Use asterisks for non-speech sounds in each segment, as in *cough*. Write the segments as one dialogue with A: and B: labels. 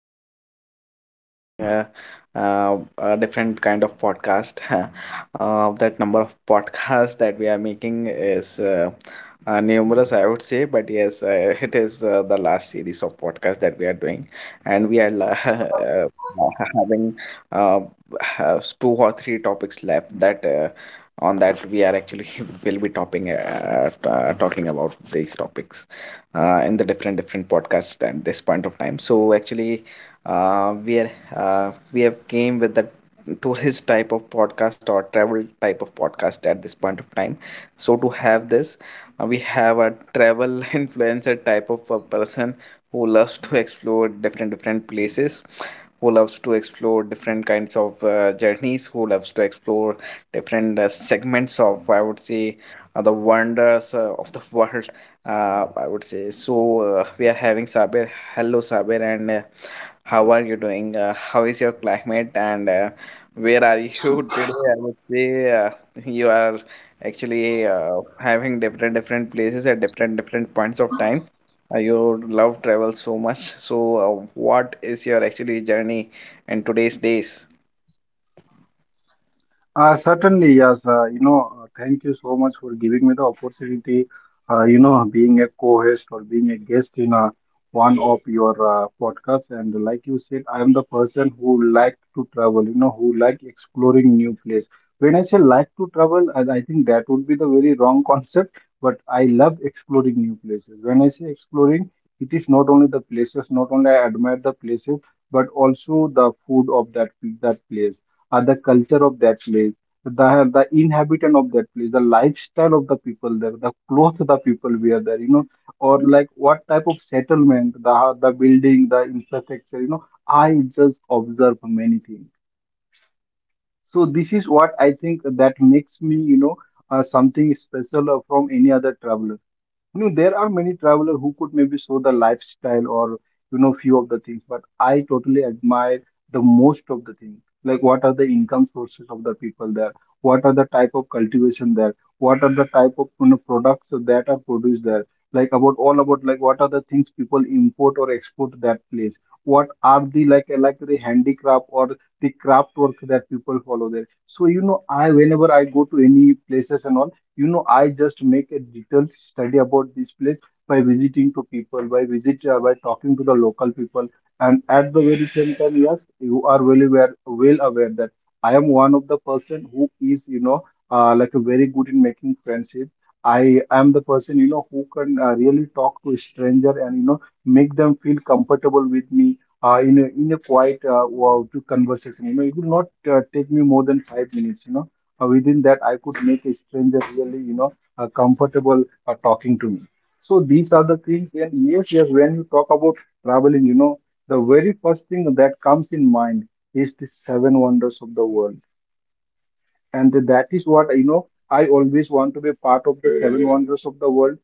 A: *laughs* We are having a different kind of podcast. *laughs* That number of podcasts that we are making is numerous, I would say. But yes, it is the last series of podcasts that we are doing, and *laughs* having uh, has two or three topics left that. On that we are actually *laughs* will be talking about these topics in the different different podcasts at this point of time. So actually, we have came with the tourist type of podcast or travel type of podcast at this point of time. So to have this, we have a travel *laughs* influencer type of a person who loves to explore different different places, who loves to explore different kinds of journeys, who loves to explore different segments of, I would say, the wonders of the *laughs* world, I would say so. We are having Sabir. Hello, Sabir, and how are you doing? How is your climate? And where are you *laughs* today? I would say you are actually having different different places at different different points of time. You love travel so much. *laughs* So, what is your actually journey in today's days?
B: Certainly, yes. Thank you so much for giving me the opportunity. You know, being a co-host or being a guest in one of your podcasts, and like you said, I am the person who like to travel. Who like exploring new place. When I say like to travel, I think that would be the very wrong *laughs* concept. But I love exploring new places. When I say exploring, it is not only the places. Not only I admire the places, but also the food of that place, the culture of that place, the the inhabitant of that place, the lifestyle of the people there, the clothes the people wear there, or like what type of settlement, the building, the infrastructure, I just observe many things. So this is what I think that makes me, something special from any other traveler. There are many traveler who could maybe show the lifestyle or few of the things, but I totally admire the most of the things, like what are the income sources of the people there, what are the type of cultivation there, what are the type of products that are produced there, like about all about, like what are the things people import or export that place, what are the like the handicraft or the craft work that people follow there. So, I, whenever I go to any places and all, I just make a detailed study about this place by visiting to people, by visit by talking to the local people. And at the very same time, yes, you are well aware that I am one of the person who is, like a very good in making friendship. I am the person, who can really talk to a stranger and, make them feel comfortable with me in a quiet wow, to conversation. It will not take me more than 5 minutes. Within that I could make a stranger really, comfortable talking to me. So these are the things. And yes, yes, when you talk about traveling, the very first thing that comes in mind is the seven wonders of the world. And that is what, I always want to be a part of the seven wonders of the world.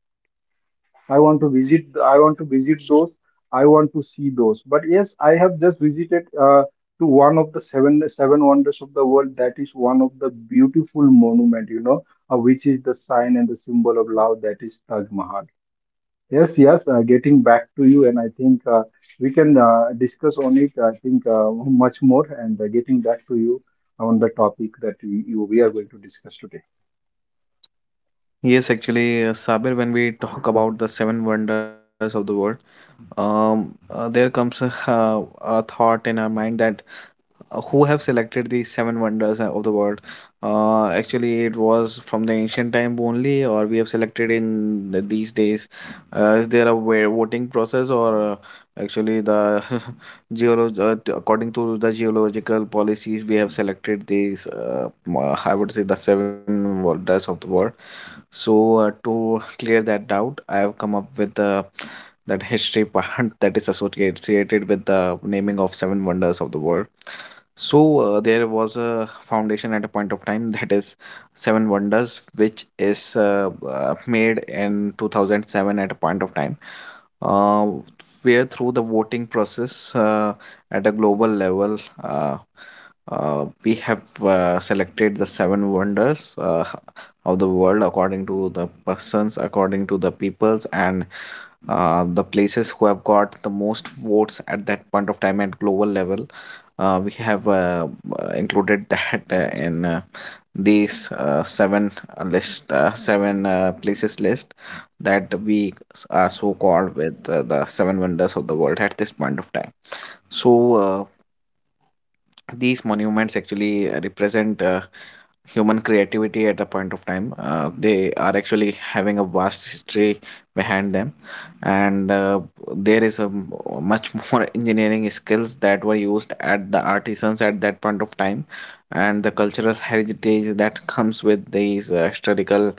B: I want to visit. I want to visit those. I want to see those. But yes, I have just visited to one of the seven wonders of the world. That is one of the beautiful monument, which is the sign and the symbol of love. That is Taj Mahal. Yes, yes. Getting back to you, and I think we can discuss on it. I think much more. And getting back to you on the topic that we are going to discuss today.
A: Yes, actually, Sabir, when we talk about the seven wonders of the world, there comes a, *laughs* a thought in our mind that who have selected the seven wonders of the world? Actually, it was from the ancient time only, or we have selected in the, these days. Is there a way, voting process, or actually the *laughs* according to the geological policies, we have selected these? I would say the seven wonders of the world. So to clear that doubt, I have come up with the that history part *laughs* that is associated with the naming of seven wonders of the world. So there was a foundation at a point of time *laughs* that is seven wonders, which is made in 2007 at a point of time uh, where through the voting process at a global level, uh, we have selected the seven wonders. Of the world according to the persons, according to the peoples, and the places who have got the most votes at that point of time at global level, we have included that in these seven list, seven places list that are so called with the seven wonders of the world at this point of time. So these monuments actually represent human creativity at a point of time. They are actually having a vast history behind them, and there is much more *laughs* engineering skills that were used at the artisans at that point of time, and the cultural heritage that *laughs* comes with these historical.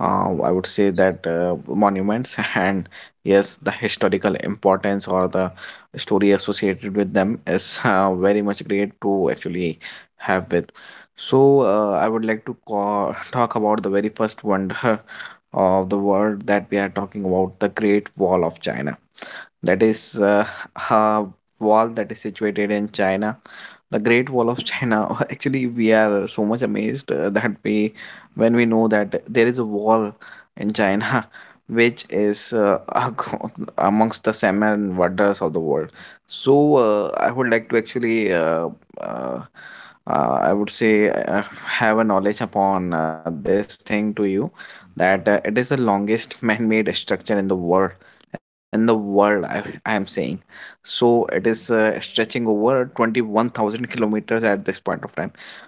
A: I would say that monuments *laughs* and yes, the historical importance or the story associated with them is very much great to actually have with. So I would like to call, talk about the very first wonder *laughs* of the world that we are talking about, the Great Wall of China, that is a wall that is situated in China. The Great Wall of China. *laughs* Actually, we are so much amazed that we, when we know that there is a wall in China, *laughs* which is *laughs* amongst the seven wonders of the world. So, I would like to actually, uh, I would say, have a knowledge upon this thing to you that it is the longest man-made structure in the world. I am saying. So it is stretching over 21,000 kilometers at this point of time.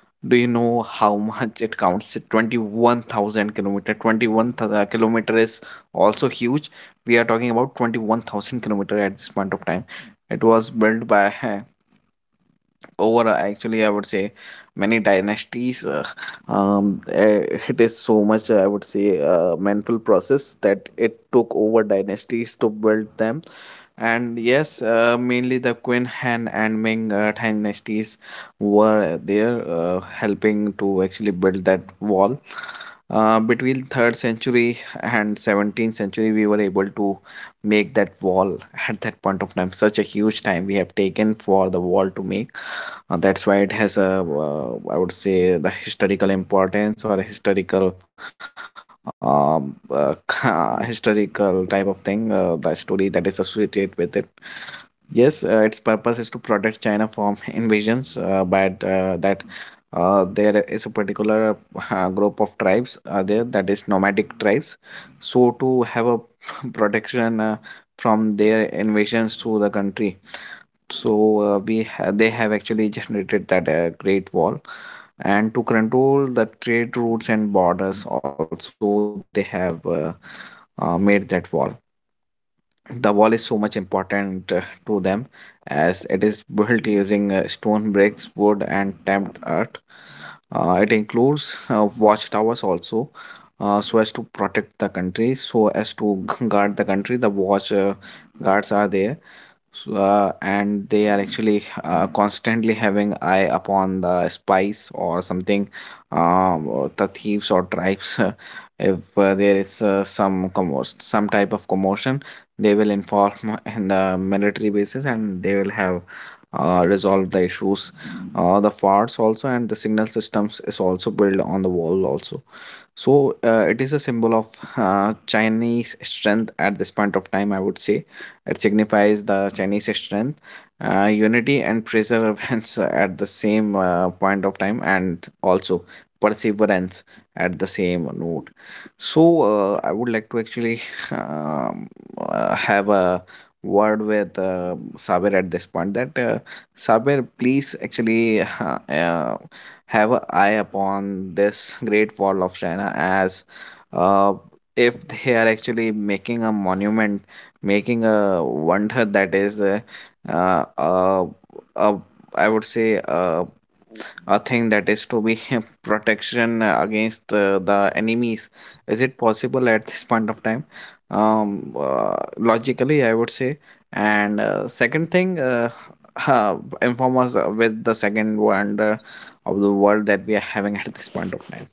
A: Do you know how much it counts? 21,000 kilometer. 21 kilometer is also huge. We are talking about 21,000 kilometer at this point of time. It was built by *laughs* uh, over actually, I would say, many dynasties, um, uh, it is so much, I would say, manful process that it took over dynasties to build them. And yes, mainly the Qin, Han, and Ming dynasties were there helping to actually build that wall between 3rd century and 17th century. We were able to make that wall at that point of time. Such a huge time we have taken for the wall to make. That's why it has a, I would say, the historical importance or historical *laughs* historical type of thing, the story that is associated with it. Yes, its purpose is to protect China from *laughs* invasions, but that there is a particular group of tribes there, that is nomadic tribes. So to have a *laughs* protection from their invasions to the country, so they have actually generated that great wall, and to control the trade routes and borders also, they have made that wall. The wall is so much important to them, as it is built using stone, bricks, wood, and stamped earth. It includes watchtowers also, so as to protect the country, so as to *laughs* guard the country. The watch guards are there, so, and they are actually constantly having eye upon the spies or something, or the thieves or tribes. *laughs* If there is some commotion, some type of commotion, they will inform *laughs* in the military bases, and they will have resolved the issues. The forts also and the signal systems is also built on the wall also. So it is a symbol of Chinese strength at this point of time, I would say. It signifies the Chinese strength, unity, and perseverance *laughs* at the same point of time, and also perseverance at the same note. So I would like to actually *laughs* um, have a word with Sabir at this point that Sabir, please actually *laughs* have an eye upon this Great Wall of China as uh, if they are actually making a monument, making a wonder that is uh, uh, uh, I would say, a thing that is to be *laughs* protection against the enemies. Is it possible at this point of time, logically, I would say? And second thing, *laughs* uh, inform us with the second wonder of the world that we are having at this point of time.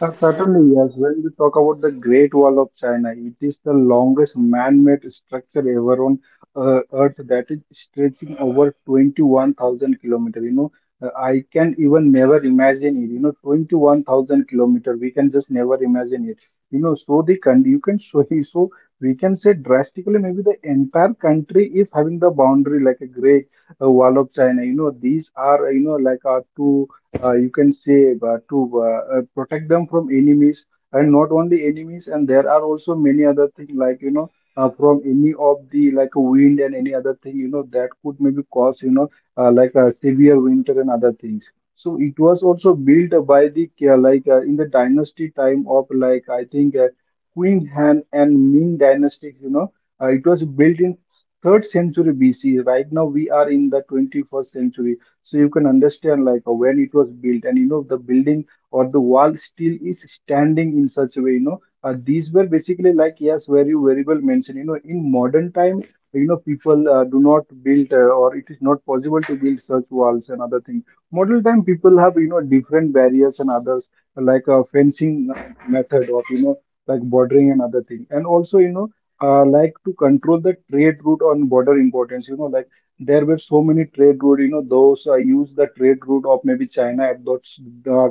B: Certainly, yes. When we talk about the Great Wall of China, it is the longest man-made structure ever on Earth, that is stretching over 21,000 kilometers. I can even never imagine it. You know, 21,000 kilometer, we can just never imagine it. So the country, you can, so *laughs* so we can say drastically, maybe the entire country is having the boundary like a Great Wall of China. You know, these are, you know, like our two, you can say, to protect them from enemies. And not only enemies, and there are also many other things, like, you know, from any of the, like, wind and any other thing, you know, that could maybe cause, like a severe winter and other things. So it was also built by the in the dynasty time of, like, I think, Queen Han and Ming dynasties. It was built in third century BC. Right now we are in the 21st century. So you can understand, like, when it was built and, you know, the building or the wall still is standing in such a way. These were basically, like, yes, very very well mentioned, you know. In modern time, you know, people do not build, or it is not possible to build such walls and other things. Modern time people have, you know, different barriers and others, like a fencing method of, you know, like bordering and other thing. And also, like, to control the trade route on border importance. You know, like, there were so many trade route, you know, those used the trade route of maybe China at uh,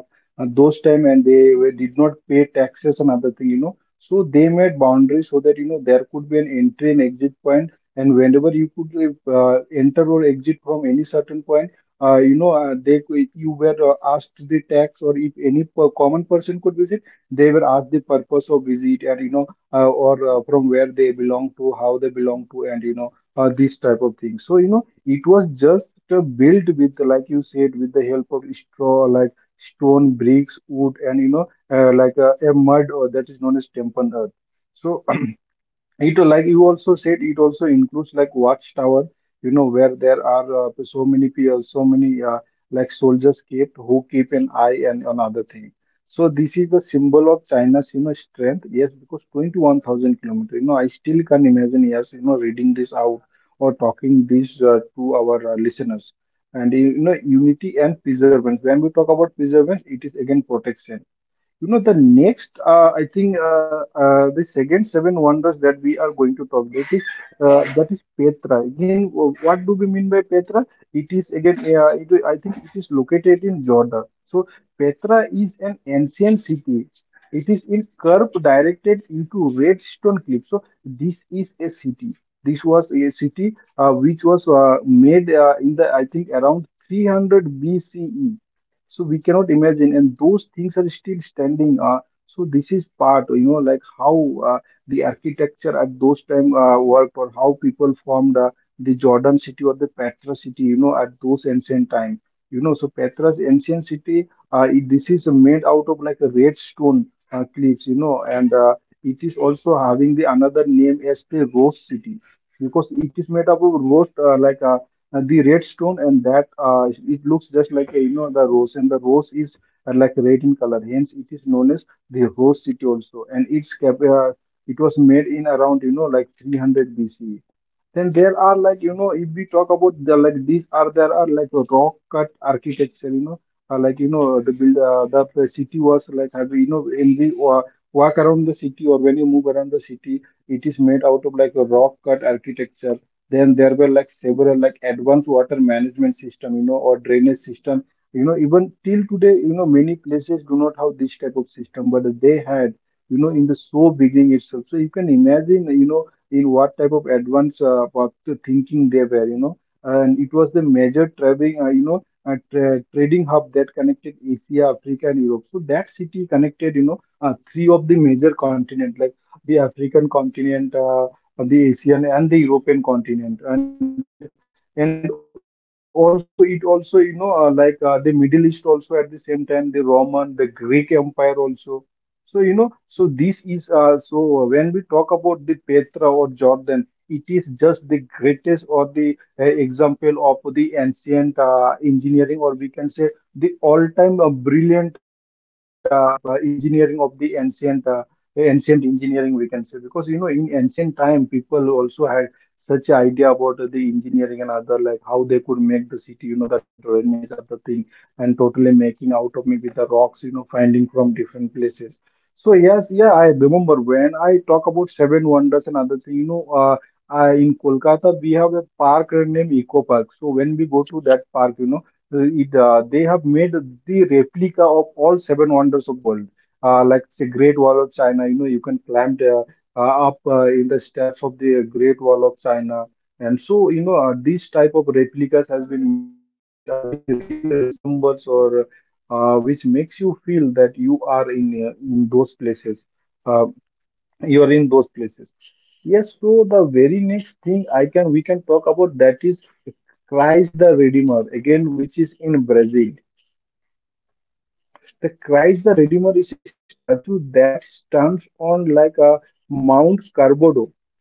B: those time. And they were, did not pay taxes and other thing, you know, so they made boundaries so that, you know, there could be an entry and exit point. And whenever you could enter or exit from any certain point, they could- you were asked the tax. Or if any per- common person could visit, they were asked the purpose of visit. And, you know or from where they belong to, how they belong to. And, these type of things. So, you know, it was just built with, like you said, with the help of straw, like stone, bricks, wood and, like a mud or that is known as temple earth. So it, like you also said, it also includes like watchtower, you know, where there are so many people, so many like soldiers kept who keep an eye and another thing. So this is the symbol of China's, you know, strength. Yes, because 21,000 kilometers, you know, I still can imagine, yes, you know, reading this out or talking this to our listeners. And, you know, unity and preservation. When we talk about preservation, it is again protection. The next, the second seven wonders that we are going to talk, that is Petra. Again, wh- what do we mean by Petra? It is again, I think, it is located in Jordan. So Petra is an ancient city. It is in curve directed into red stone cliff. So this is a city. This was a city which was made in the, I think, around 300 BCE. So we cannot imagine, and those things are still standing. So this is part, you know, like how uh, the architecture at those time worked, or how people formed the Jordan city or the Petra city, you know, at those ancient time. You know, so Petra's ancient city, this is made out of like a red stone cliffs, you know. And it is also having the another name as the Rose City, because it is made up of rose, like a, the red stone, and that it looks just like a, you know, the rose. And the rose is like red in color, hence it is known as the Rose City also. And it's cap- it was made in around, you know, like 300 BC. Then there are, like, you know, if we talk about the, like, these are, there are like a rock cut architecture, you know, like, you know, the build the city was like, have, you know, in the walk around the city, or when you move around the city, it is made out of like a rock cut architecture. Then there were, like, several, like, advanced water management system, you know, or drainage system. You know, even till today, you know, many places do not have this type of system, but they had, you know, in the so beginning itself. So you can imagine, you know, in what type of advanced what the thinking they were, you know. And it was the major trading, you know, trading hub that connected Asia, Africa, and Europe. So that city connected, you know, three of the major continent, like the African continent, on the Asian and the European continent, and also it also, you know, the Middle East, also at the same time, the Roman, the Greek also. So, you know, so this is so when we talk about the Petra or Jordan, it is just the greatest or the example of the ancient engineering. Or we can say the all-time brilliant engineering of the ancient. Ancient engineering, we can say, because you know in ancient time people also had such a idea about the engineering and other, like how they could make the city, you know, the drainage other thing, and totally making out of maybe the rocks, you know, finding from different places. So yes, yeah, I remember when I talk about seven wonders and other thing, in Kolkata we have a park named Eco Park. So when we go to that park, you know, it they have made the replica of all seven wonders of world. Uh, like say Great Wall of China, you know, you can climb the up in the steps of the Great Wall of China. And so, you know, this type of replicas has been made, which really resembles or which makes you feel that you are in those places. Uh, you are in those places. Yes. So the very next thing I can we can talk about, that is Christ the Redeemer again, which is in Brazil. The Christ the Redeemer is a statue that stands on like a Mount Carbodo,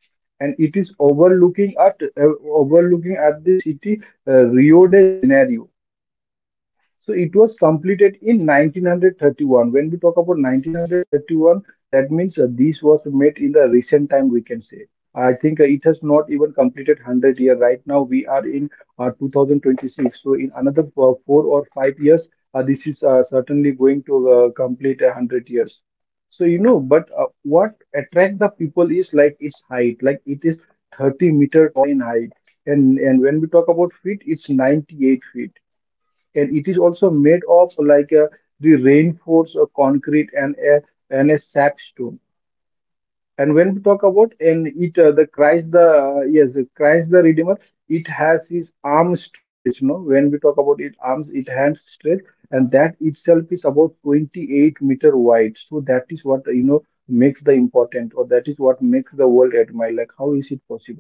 B: and it is overlooking at, overlooking at the city, Rio de Janeiro. So it was completed in 1931. When we talk about 1931, that means this was made in the recent time, we can say. I think it has not even completed 100 now. We are in 2026, so in another 4 or 5 years, this is certainly going to complete 100 years. So you know, but what attracts the people is like its height. Like it is 30-meter tall in height, and when we talk about feet, 98 feet. And it is also made of like the reinforced concrete and a sapstone. And when we talk about, and it the Christ the yes, the Christ the Redeemer, it has his arm stretched. No, when we talk about it arms, it hand stretched, and that itself is about 28-meter wide. So that is what, you know, makes the important, or that is what makes the world admire. How is it possible?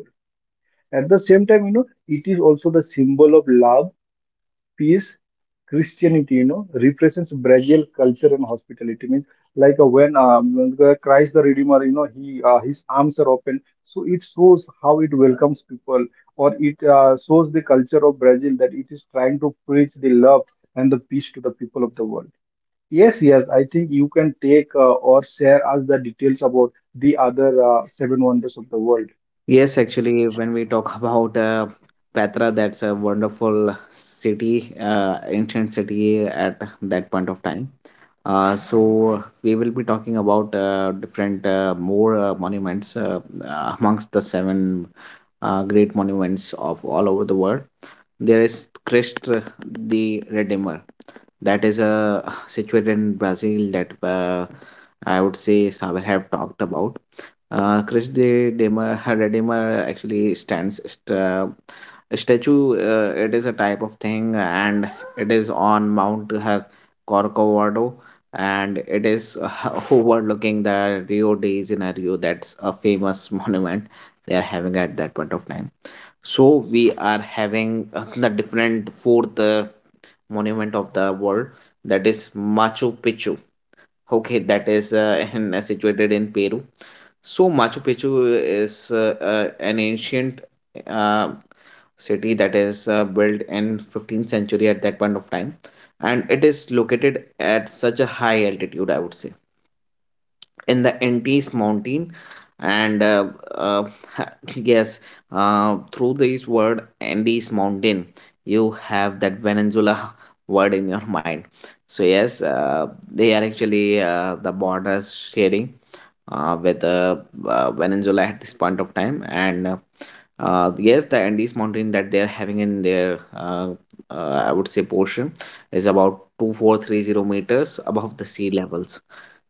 B: At the same time, you know, it is also the symbol of love, peace, christianity, you know, represents Brazil culture and hospitality. Means like when the Christ the Redeemer, you know, he his arms are open, so it shows how it welcomes people, or it shows the culture of Brazil, that it is trying to the love and the peace to the people of the world. Yes, yes, I think you can take or share us the details about the other seven wonders of the world.
A: Yes, actually, when we talk *laughs* about Petra, that's a wonderful city, ancient city at that point of time. So we will be talking about different more monuments amongst the seven great monuments of all over the world. There is Christ the Redeemer that is situated in Brazil that I would say Saber have talked about. Krish de Dema Haradema actually a statue. It is a type of thing, and it is on Corcovado, and it is *laughs* overlooking the Rio de Janeiro. That's a famous *laughs* monument they are having at that point of time. So we are having the different fourth monument of the world, that is Machu Picchu. Okay, that is situated in Peru. So Machu Picchu is an ancient uh, city that is built in 15th century at that point of time, and it is located at such a high altitude, I would say, in the Andes mountain. And uh, *laughs* yes, through this word Andes mountain, you have that Venezuela *laughs* word in your mind. So yes, they are actually the borders sharing with Venezuela at this point of time. And yes, the Andes mountain that they are having in their I would say portion is about 2,430 meters above the sea levels.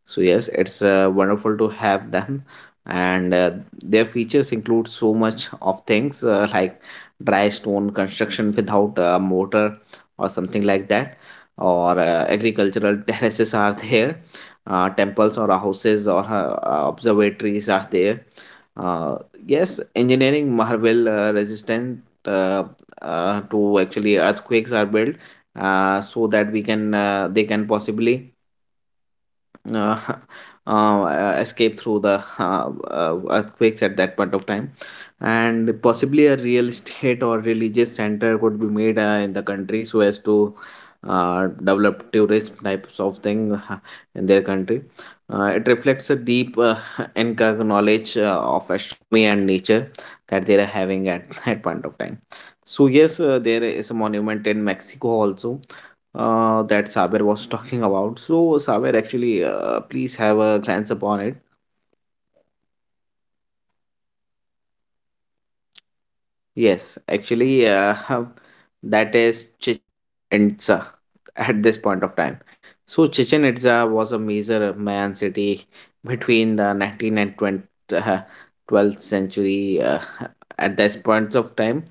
A: So yes, it's wonderful to have them, and their features include so much of things like dry stone construction without a mortar or something like that, or agricultural *laughs* terraces are there, temples or houses or observatories are there. Uh, yes, engineering marvel resistant uh, to actually earthquakes are built, so that we can they can possibly uh, *laughs* escape through the earthquakes at that point of time. And possibly a real estate or religious center could be made in the country so as to develop tourism types of thing in their country. It reflects a deep *laughs* Inca knowledge of astronomy and nature that they are having at *laughs* that point of time. So yes, there is a monument in Mexico also, that Saber was talking about. So, Saber, actually, please have a glance upon it. Yes, actually, *laughs* that is Chichen at this point of time. So Chichen Itza was a major Mayan city between the 19th and 20th, uh, 12th century. At this point of time,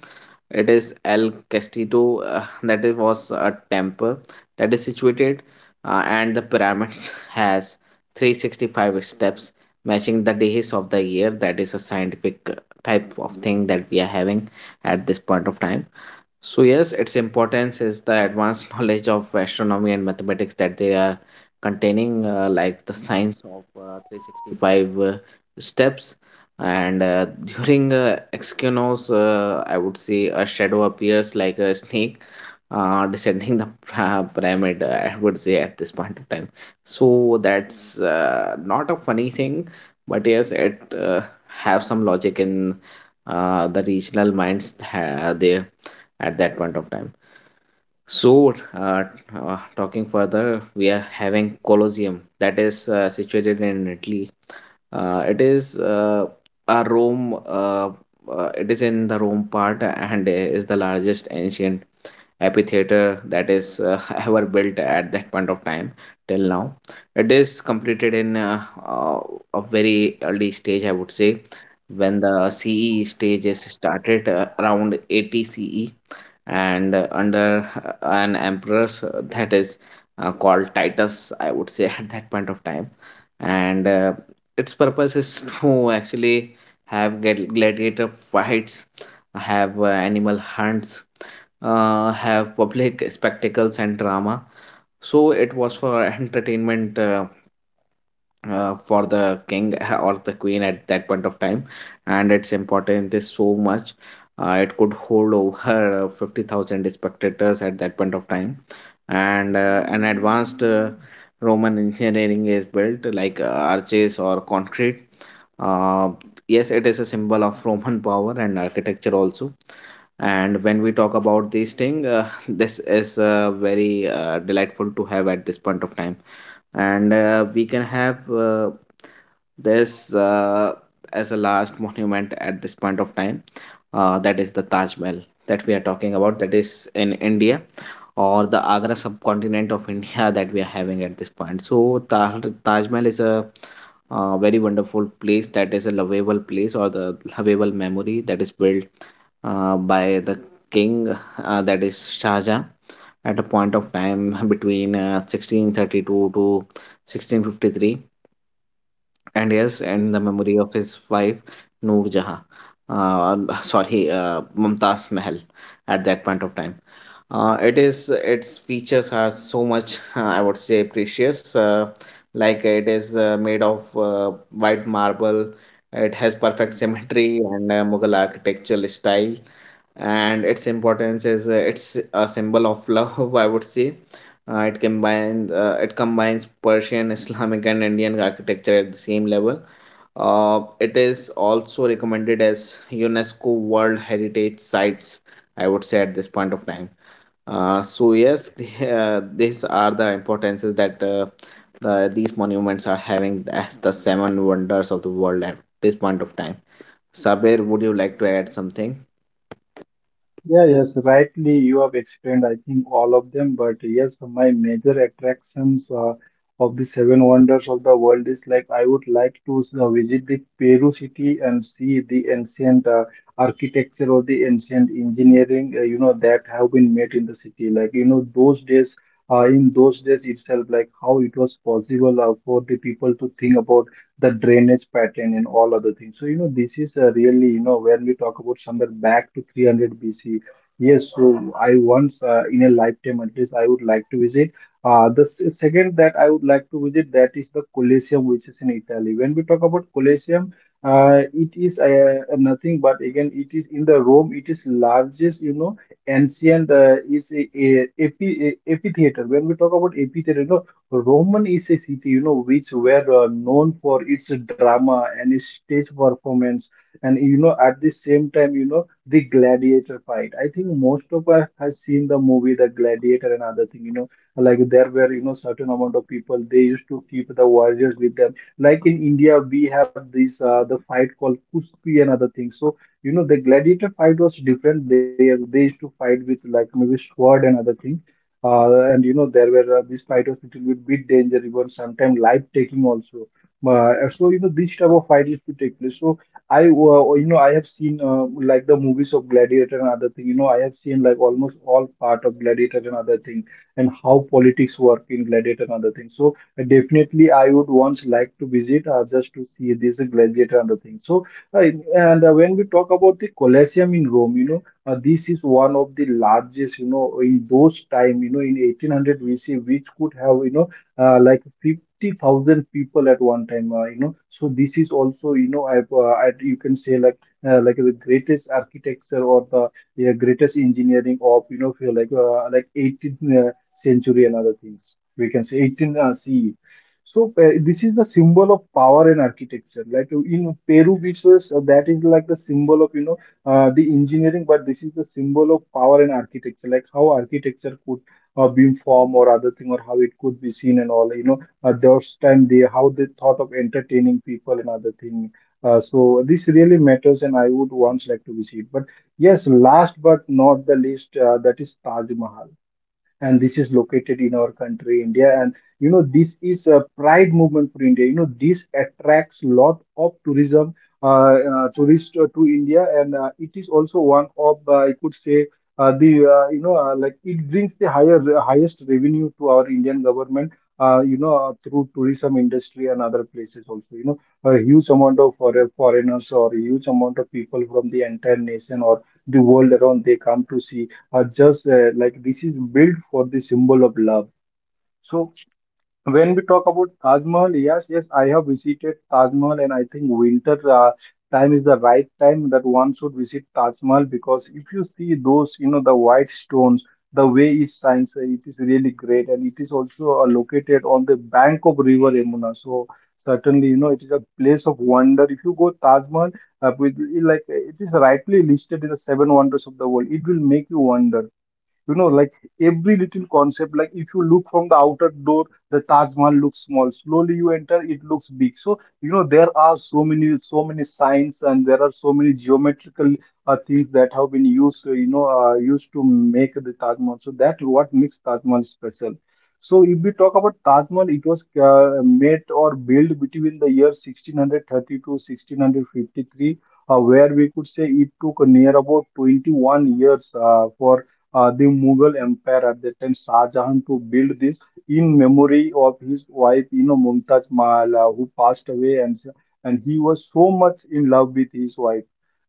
A: it is El Castillo, that it was a temple that is situated, and the pyramids has 365 steps, matching the days of the year. That is a scientific type of thing that we are having at this point of time. So yes, its importance is the advanced *laughs* knowledge of astronomy and mathematics that they are containing, like the science of 365 steps. And *laughs* during Exynos, I would say a shadow appears like a snake *laughs* descending the pyramid, I would say at this point of time. So that's not a funny thing, but yes, it have some logic in the regional minds there at that point of time. So, talking further, we are having Colosseum that is situated in Italy. It is a Rome. It is in the Rome part and is the largest ancient amphitheater that is *laughs* ever built at that point of time till now. It is completed in a very early stage, I would say, when the CE stage is started, around 80 CE, and under an emperor that is called Titus, I would say, *laughs* at that point of time. And its purpose is *laughs* to actually have gladiator fights, have animal hunts, have public spectacles and drama. So it was for *laughs* entertainment for the king *laughs* or the queen at that point of time. And its importance is so much. It could hold over *laughs* 50,000 spectators at that point of time. And an advanced Roman engineering is built, like arches or concrete. uh, yes, it is a symbol of Roman *laughs* power and architecture also. And when we talk about this thing, *laughs* this is very delightful to have at this point of time. And we can have this as a last monument at this point of time, that is the Taj Mahal that we are talking about, that is in India, or the Agra subcontinent of *laughs* India, that we are having at this point. So Taj Mahal is a very wonderful place, that is a lovable place, or the lovable memory that is built by the king that is Shah Jahan, at a point of time between 1632 to 1653, and yes, and the memory of his wife Noor Jahan, sorry, Mumtaz Mahal, at that point of time. It is, its features are so much, I would say, precious, like it is made of white marble. It has perfect symmetry and Mughal architectural style. And its importance is, it's a symbol of love, I would say. It combines Persian, Islamic and Indian architecture at the same level. It is also recommended as UNESCO world heritage sites, I would say at this point of time. So yes, *laughs* these are the importances that these monuments are having as the 7 wonders of the world at this point of time. Sabir, would you like to add something?
B: Yeah, yes, rightly you have explained, I think, all of them. But yes, my major attractions of the seven wonders of the world is, like, I would like to visit the Peru city and see the ancient architecture or the ancient engineering, you know, that have been made in the city. Like, you know, those days, in those days itself, like how it was possible for the people to think about the drainage pattern and all other things. So, you know, this is, really, you know, when we talk about somewhere back to 300 BC, yes, so I once, in a lifetime, at least I would like to visit. The second that I would like to visit, that is the Colosseum, which is in Italy. When we talk about Colosseum, it is nothing but again, it is in the Rome, it is largest, you know, ancient, is a, amphi- a amphitheater. When we talk about amphitheater, you know, Roman is a city, you know, which were known for its drama and its stage performance, and you know, at the same time, you know, the gladiator fight. I think most of us has seen the movie The Gladiator and other thing. You know, like, there were, you know, certain amount of people, they used to keep the warriors with them. Like in India, we have this the fight called Kushti and other things. So you know, the gladiator fight was different. They used to fight with like maybe sword and other things, and you know there were, these fight was little bit, danger, even sometimes life taking also. So you know, this type of fight used to take place. So I you know, I have seen, like, the movies of Gladiator and other thing. You know, I have seen like almost all part of Gladiator and other thing, and how politics work in Gladiator and other thing. So definitely I would once like to visit, just to see this Gladiator and other thing. So and when we talk about the Colosseum in Rome, you know. This is one of the largest, you know, in those time, you know, in 1800 BC, which could have, you know, like 50,000 people at one time, you know. So this is also, you know, I, you can say, like the greatest architecture, or the yeah, greatest engineering of, you know, feel like, like 18th century and other things. We can say 18 CE. So this is the symbol of power and architecture. Like in Peru, which was, that is like the symbol of, you know, the engineering, but this is the symbol of power and architecture, like how architecture could beam form or other thing, or how it could be seen and all. You know, those time they, how they thought of entertaining people and other thing. So this really matters, and I would once like to visit. But yes, last but not the least, that is Taj Mahal, and this is located in our country India. And you know, this is a pride movement for India, you know, this attracts lot of tourism, tourists to India. And it is also one of, I could say, the you know like it brings the higher highest revenue to our Indian government, you know, through tourism industry. And other places also, you know, a huge amount of foreigners, or a huge amount of people from the entire nation, or the world around, they come to see. Are just, like, this is built for the symbol of love. So when we talk about Taj Mahal, yes, yes, I have visited Taj Mahal, and I think winter time is the right time that one should visit Taj Mahal, because if you see those, you know, the white stones, the way it shines, it is really great. And it is also located on the bank of River Yamuna. So certainly, you know, it is a place of wonder. If you go Taj Mahal, uh, with, like it is rightly listed in the seven wonders of the world, it will make you wonder, you know, like, every little concept. Like, if you look from the outer door, the Taj Mahal looks small; slowly you enter, it looks big. So you know, there are so many signs, and there are so many geometrical things that have been used, you know, used to make the Taj Mahal. So that what makes Taj Mahal special. So if we talk about Taj Mahal, it was made or built between the year 1630 to 1653, where we could say it took near about 21 years for the Mughal Empire at that time, Shah Jahan, to build this in memory of his wife, you know, Mumtaz Mahal, who passed away, and he was so much in love with his wife.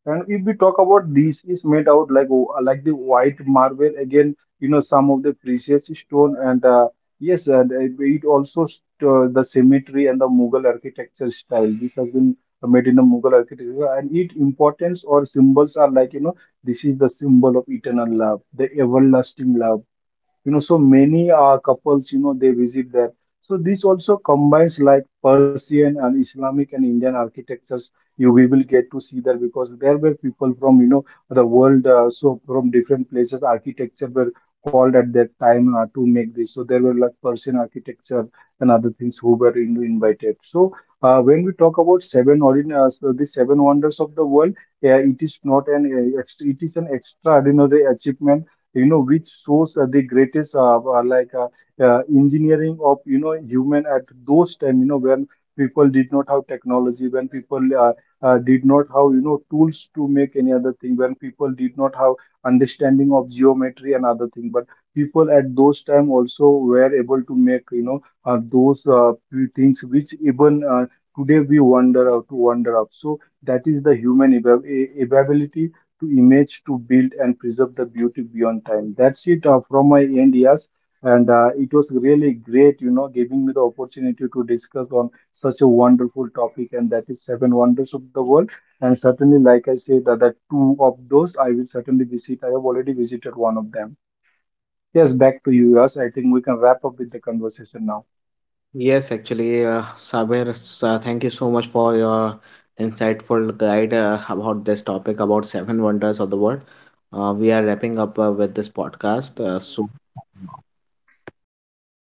B: And if we talk about this, is made out like, like the white marble again, you know, some of the precious stone and. Yes, and it also st the symmetry and the Mughal architecture style. This has been made in the Mughal architecture. And its importance or symbols are, like, you know, this is the symbol of eternal love, the everlasting love. You know, so many couples, you know, they visit there. So this also combines like Persian and Islamic and Indian architectures, you, we will get to see there, because there were people from, you know, the world. So from different places architecture were called at that time to make this. So there were like Persian architecture and other things who were invited. So when we talk about seven origin so the seven wonders of the world, yeah, it is not an it is an extraordinary achievement, you know, which shows the greatest, engineering of, you know, human at those time, you know, when people did not have technology, when people did not have, you know, tools to make any other thing, when people did not have understanding of geometry and other thing, but people at those time also were able to make, you know, those few things which even today we wonder, to wonder of. So that is the human ability to image, to build and preserve the beauty beyond time. That's it from my end, yes. And it was really great, you know, giving me the opportunity to discuss on such a wonderful topic, and that is seven wonders of the world. And certainly, like I said, that two of those I will certainly visit. I have already visited one of them. Yes, back to you, yes. I think we can wrap up with the conversation now.
A: Yes, actually, Saber, thank you so much for your insightful guide about this topic, about seven wonders of the world. We are wrapping up with this podcast. So,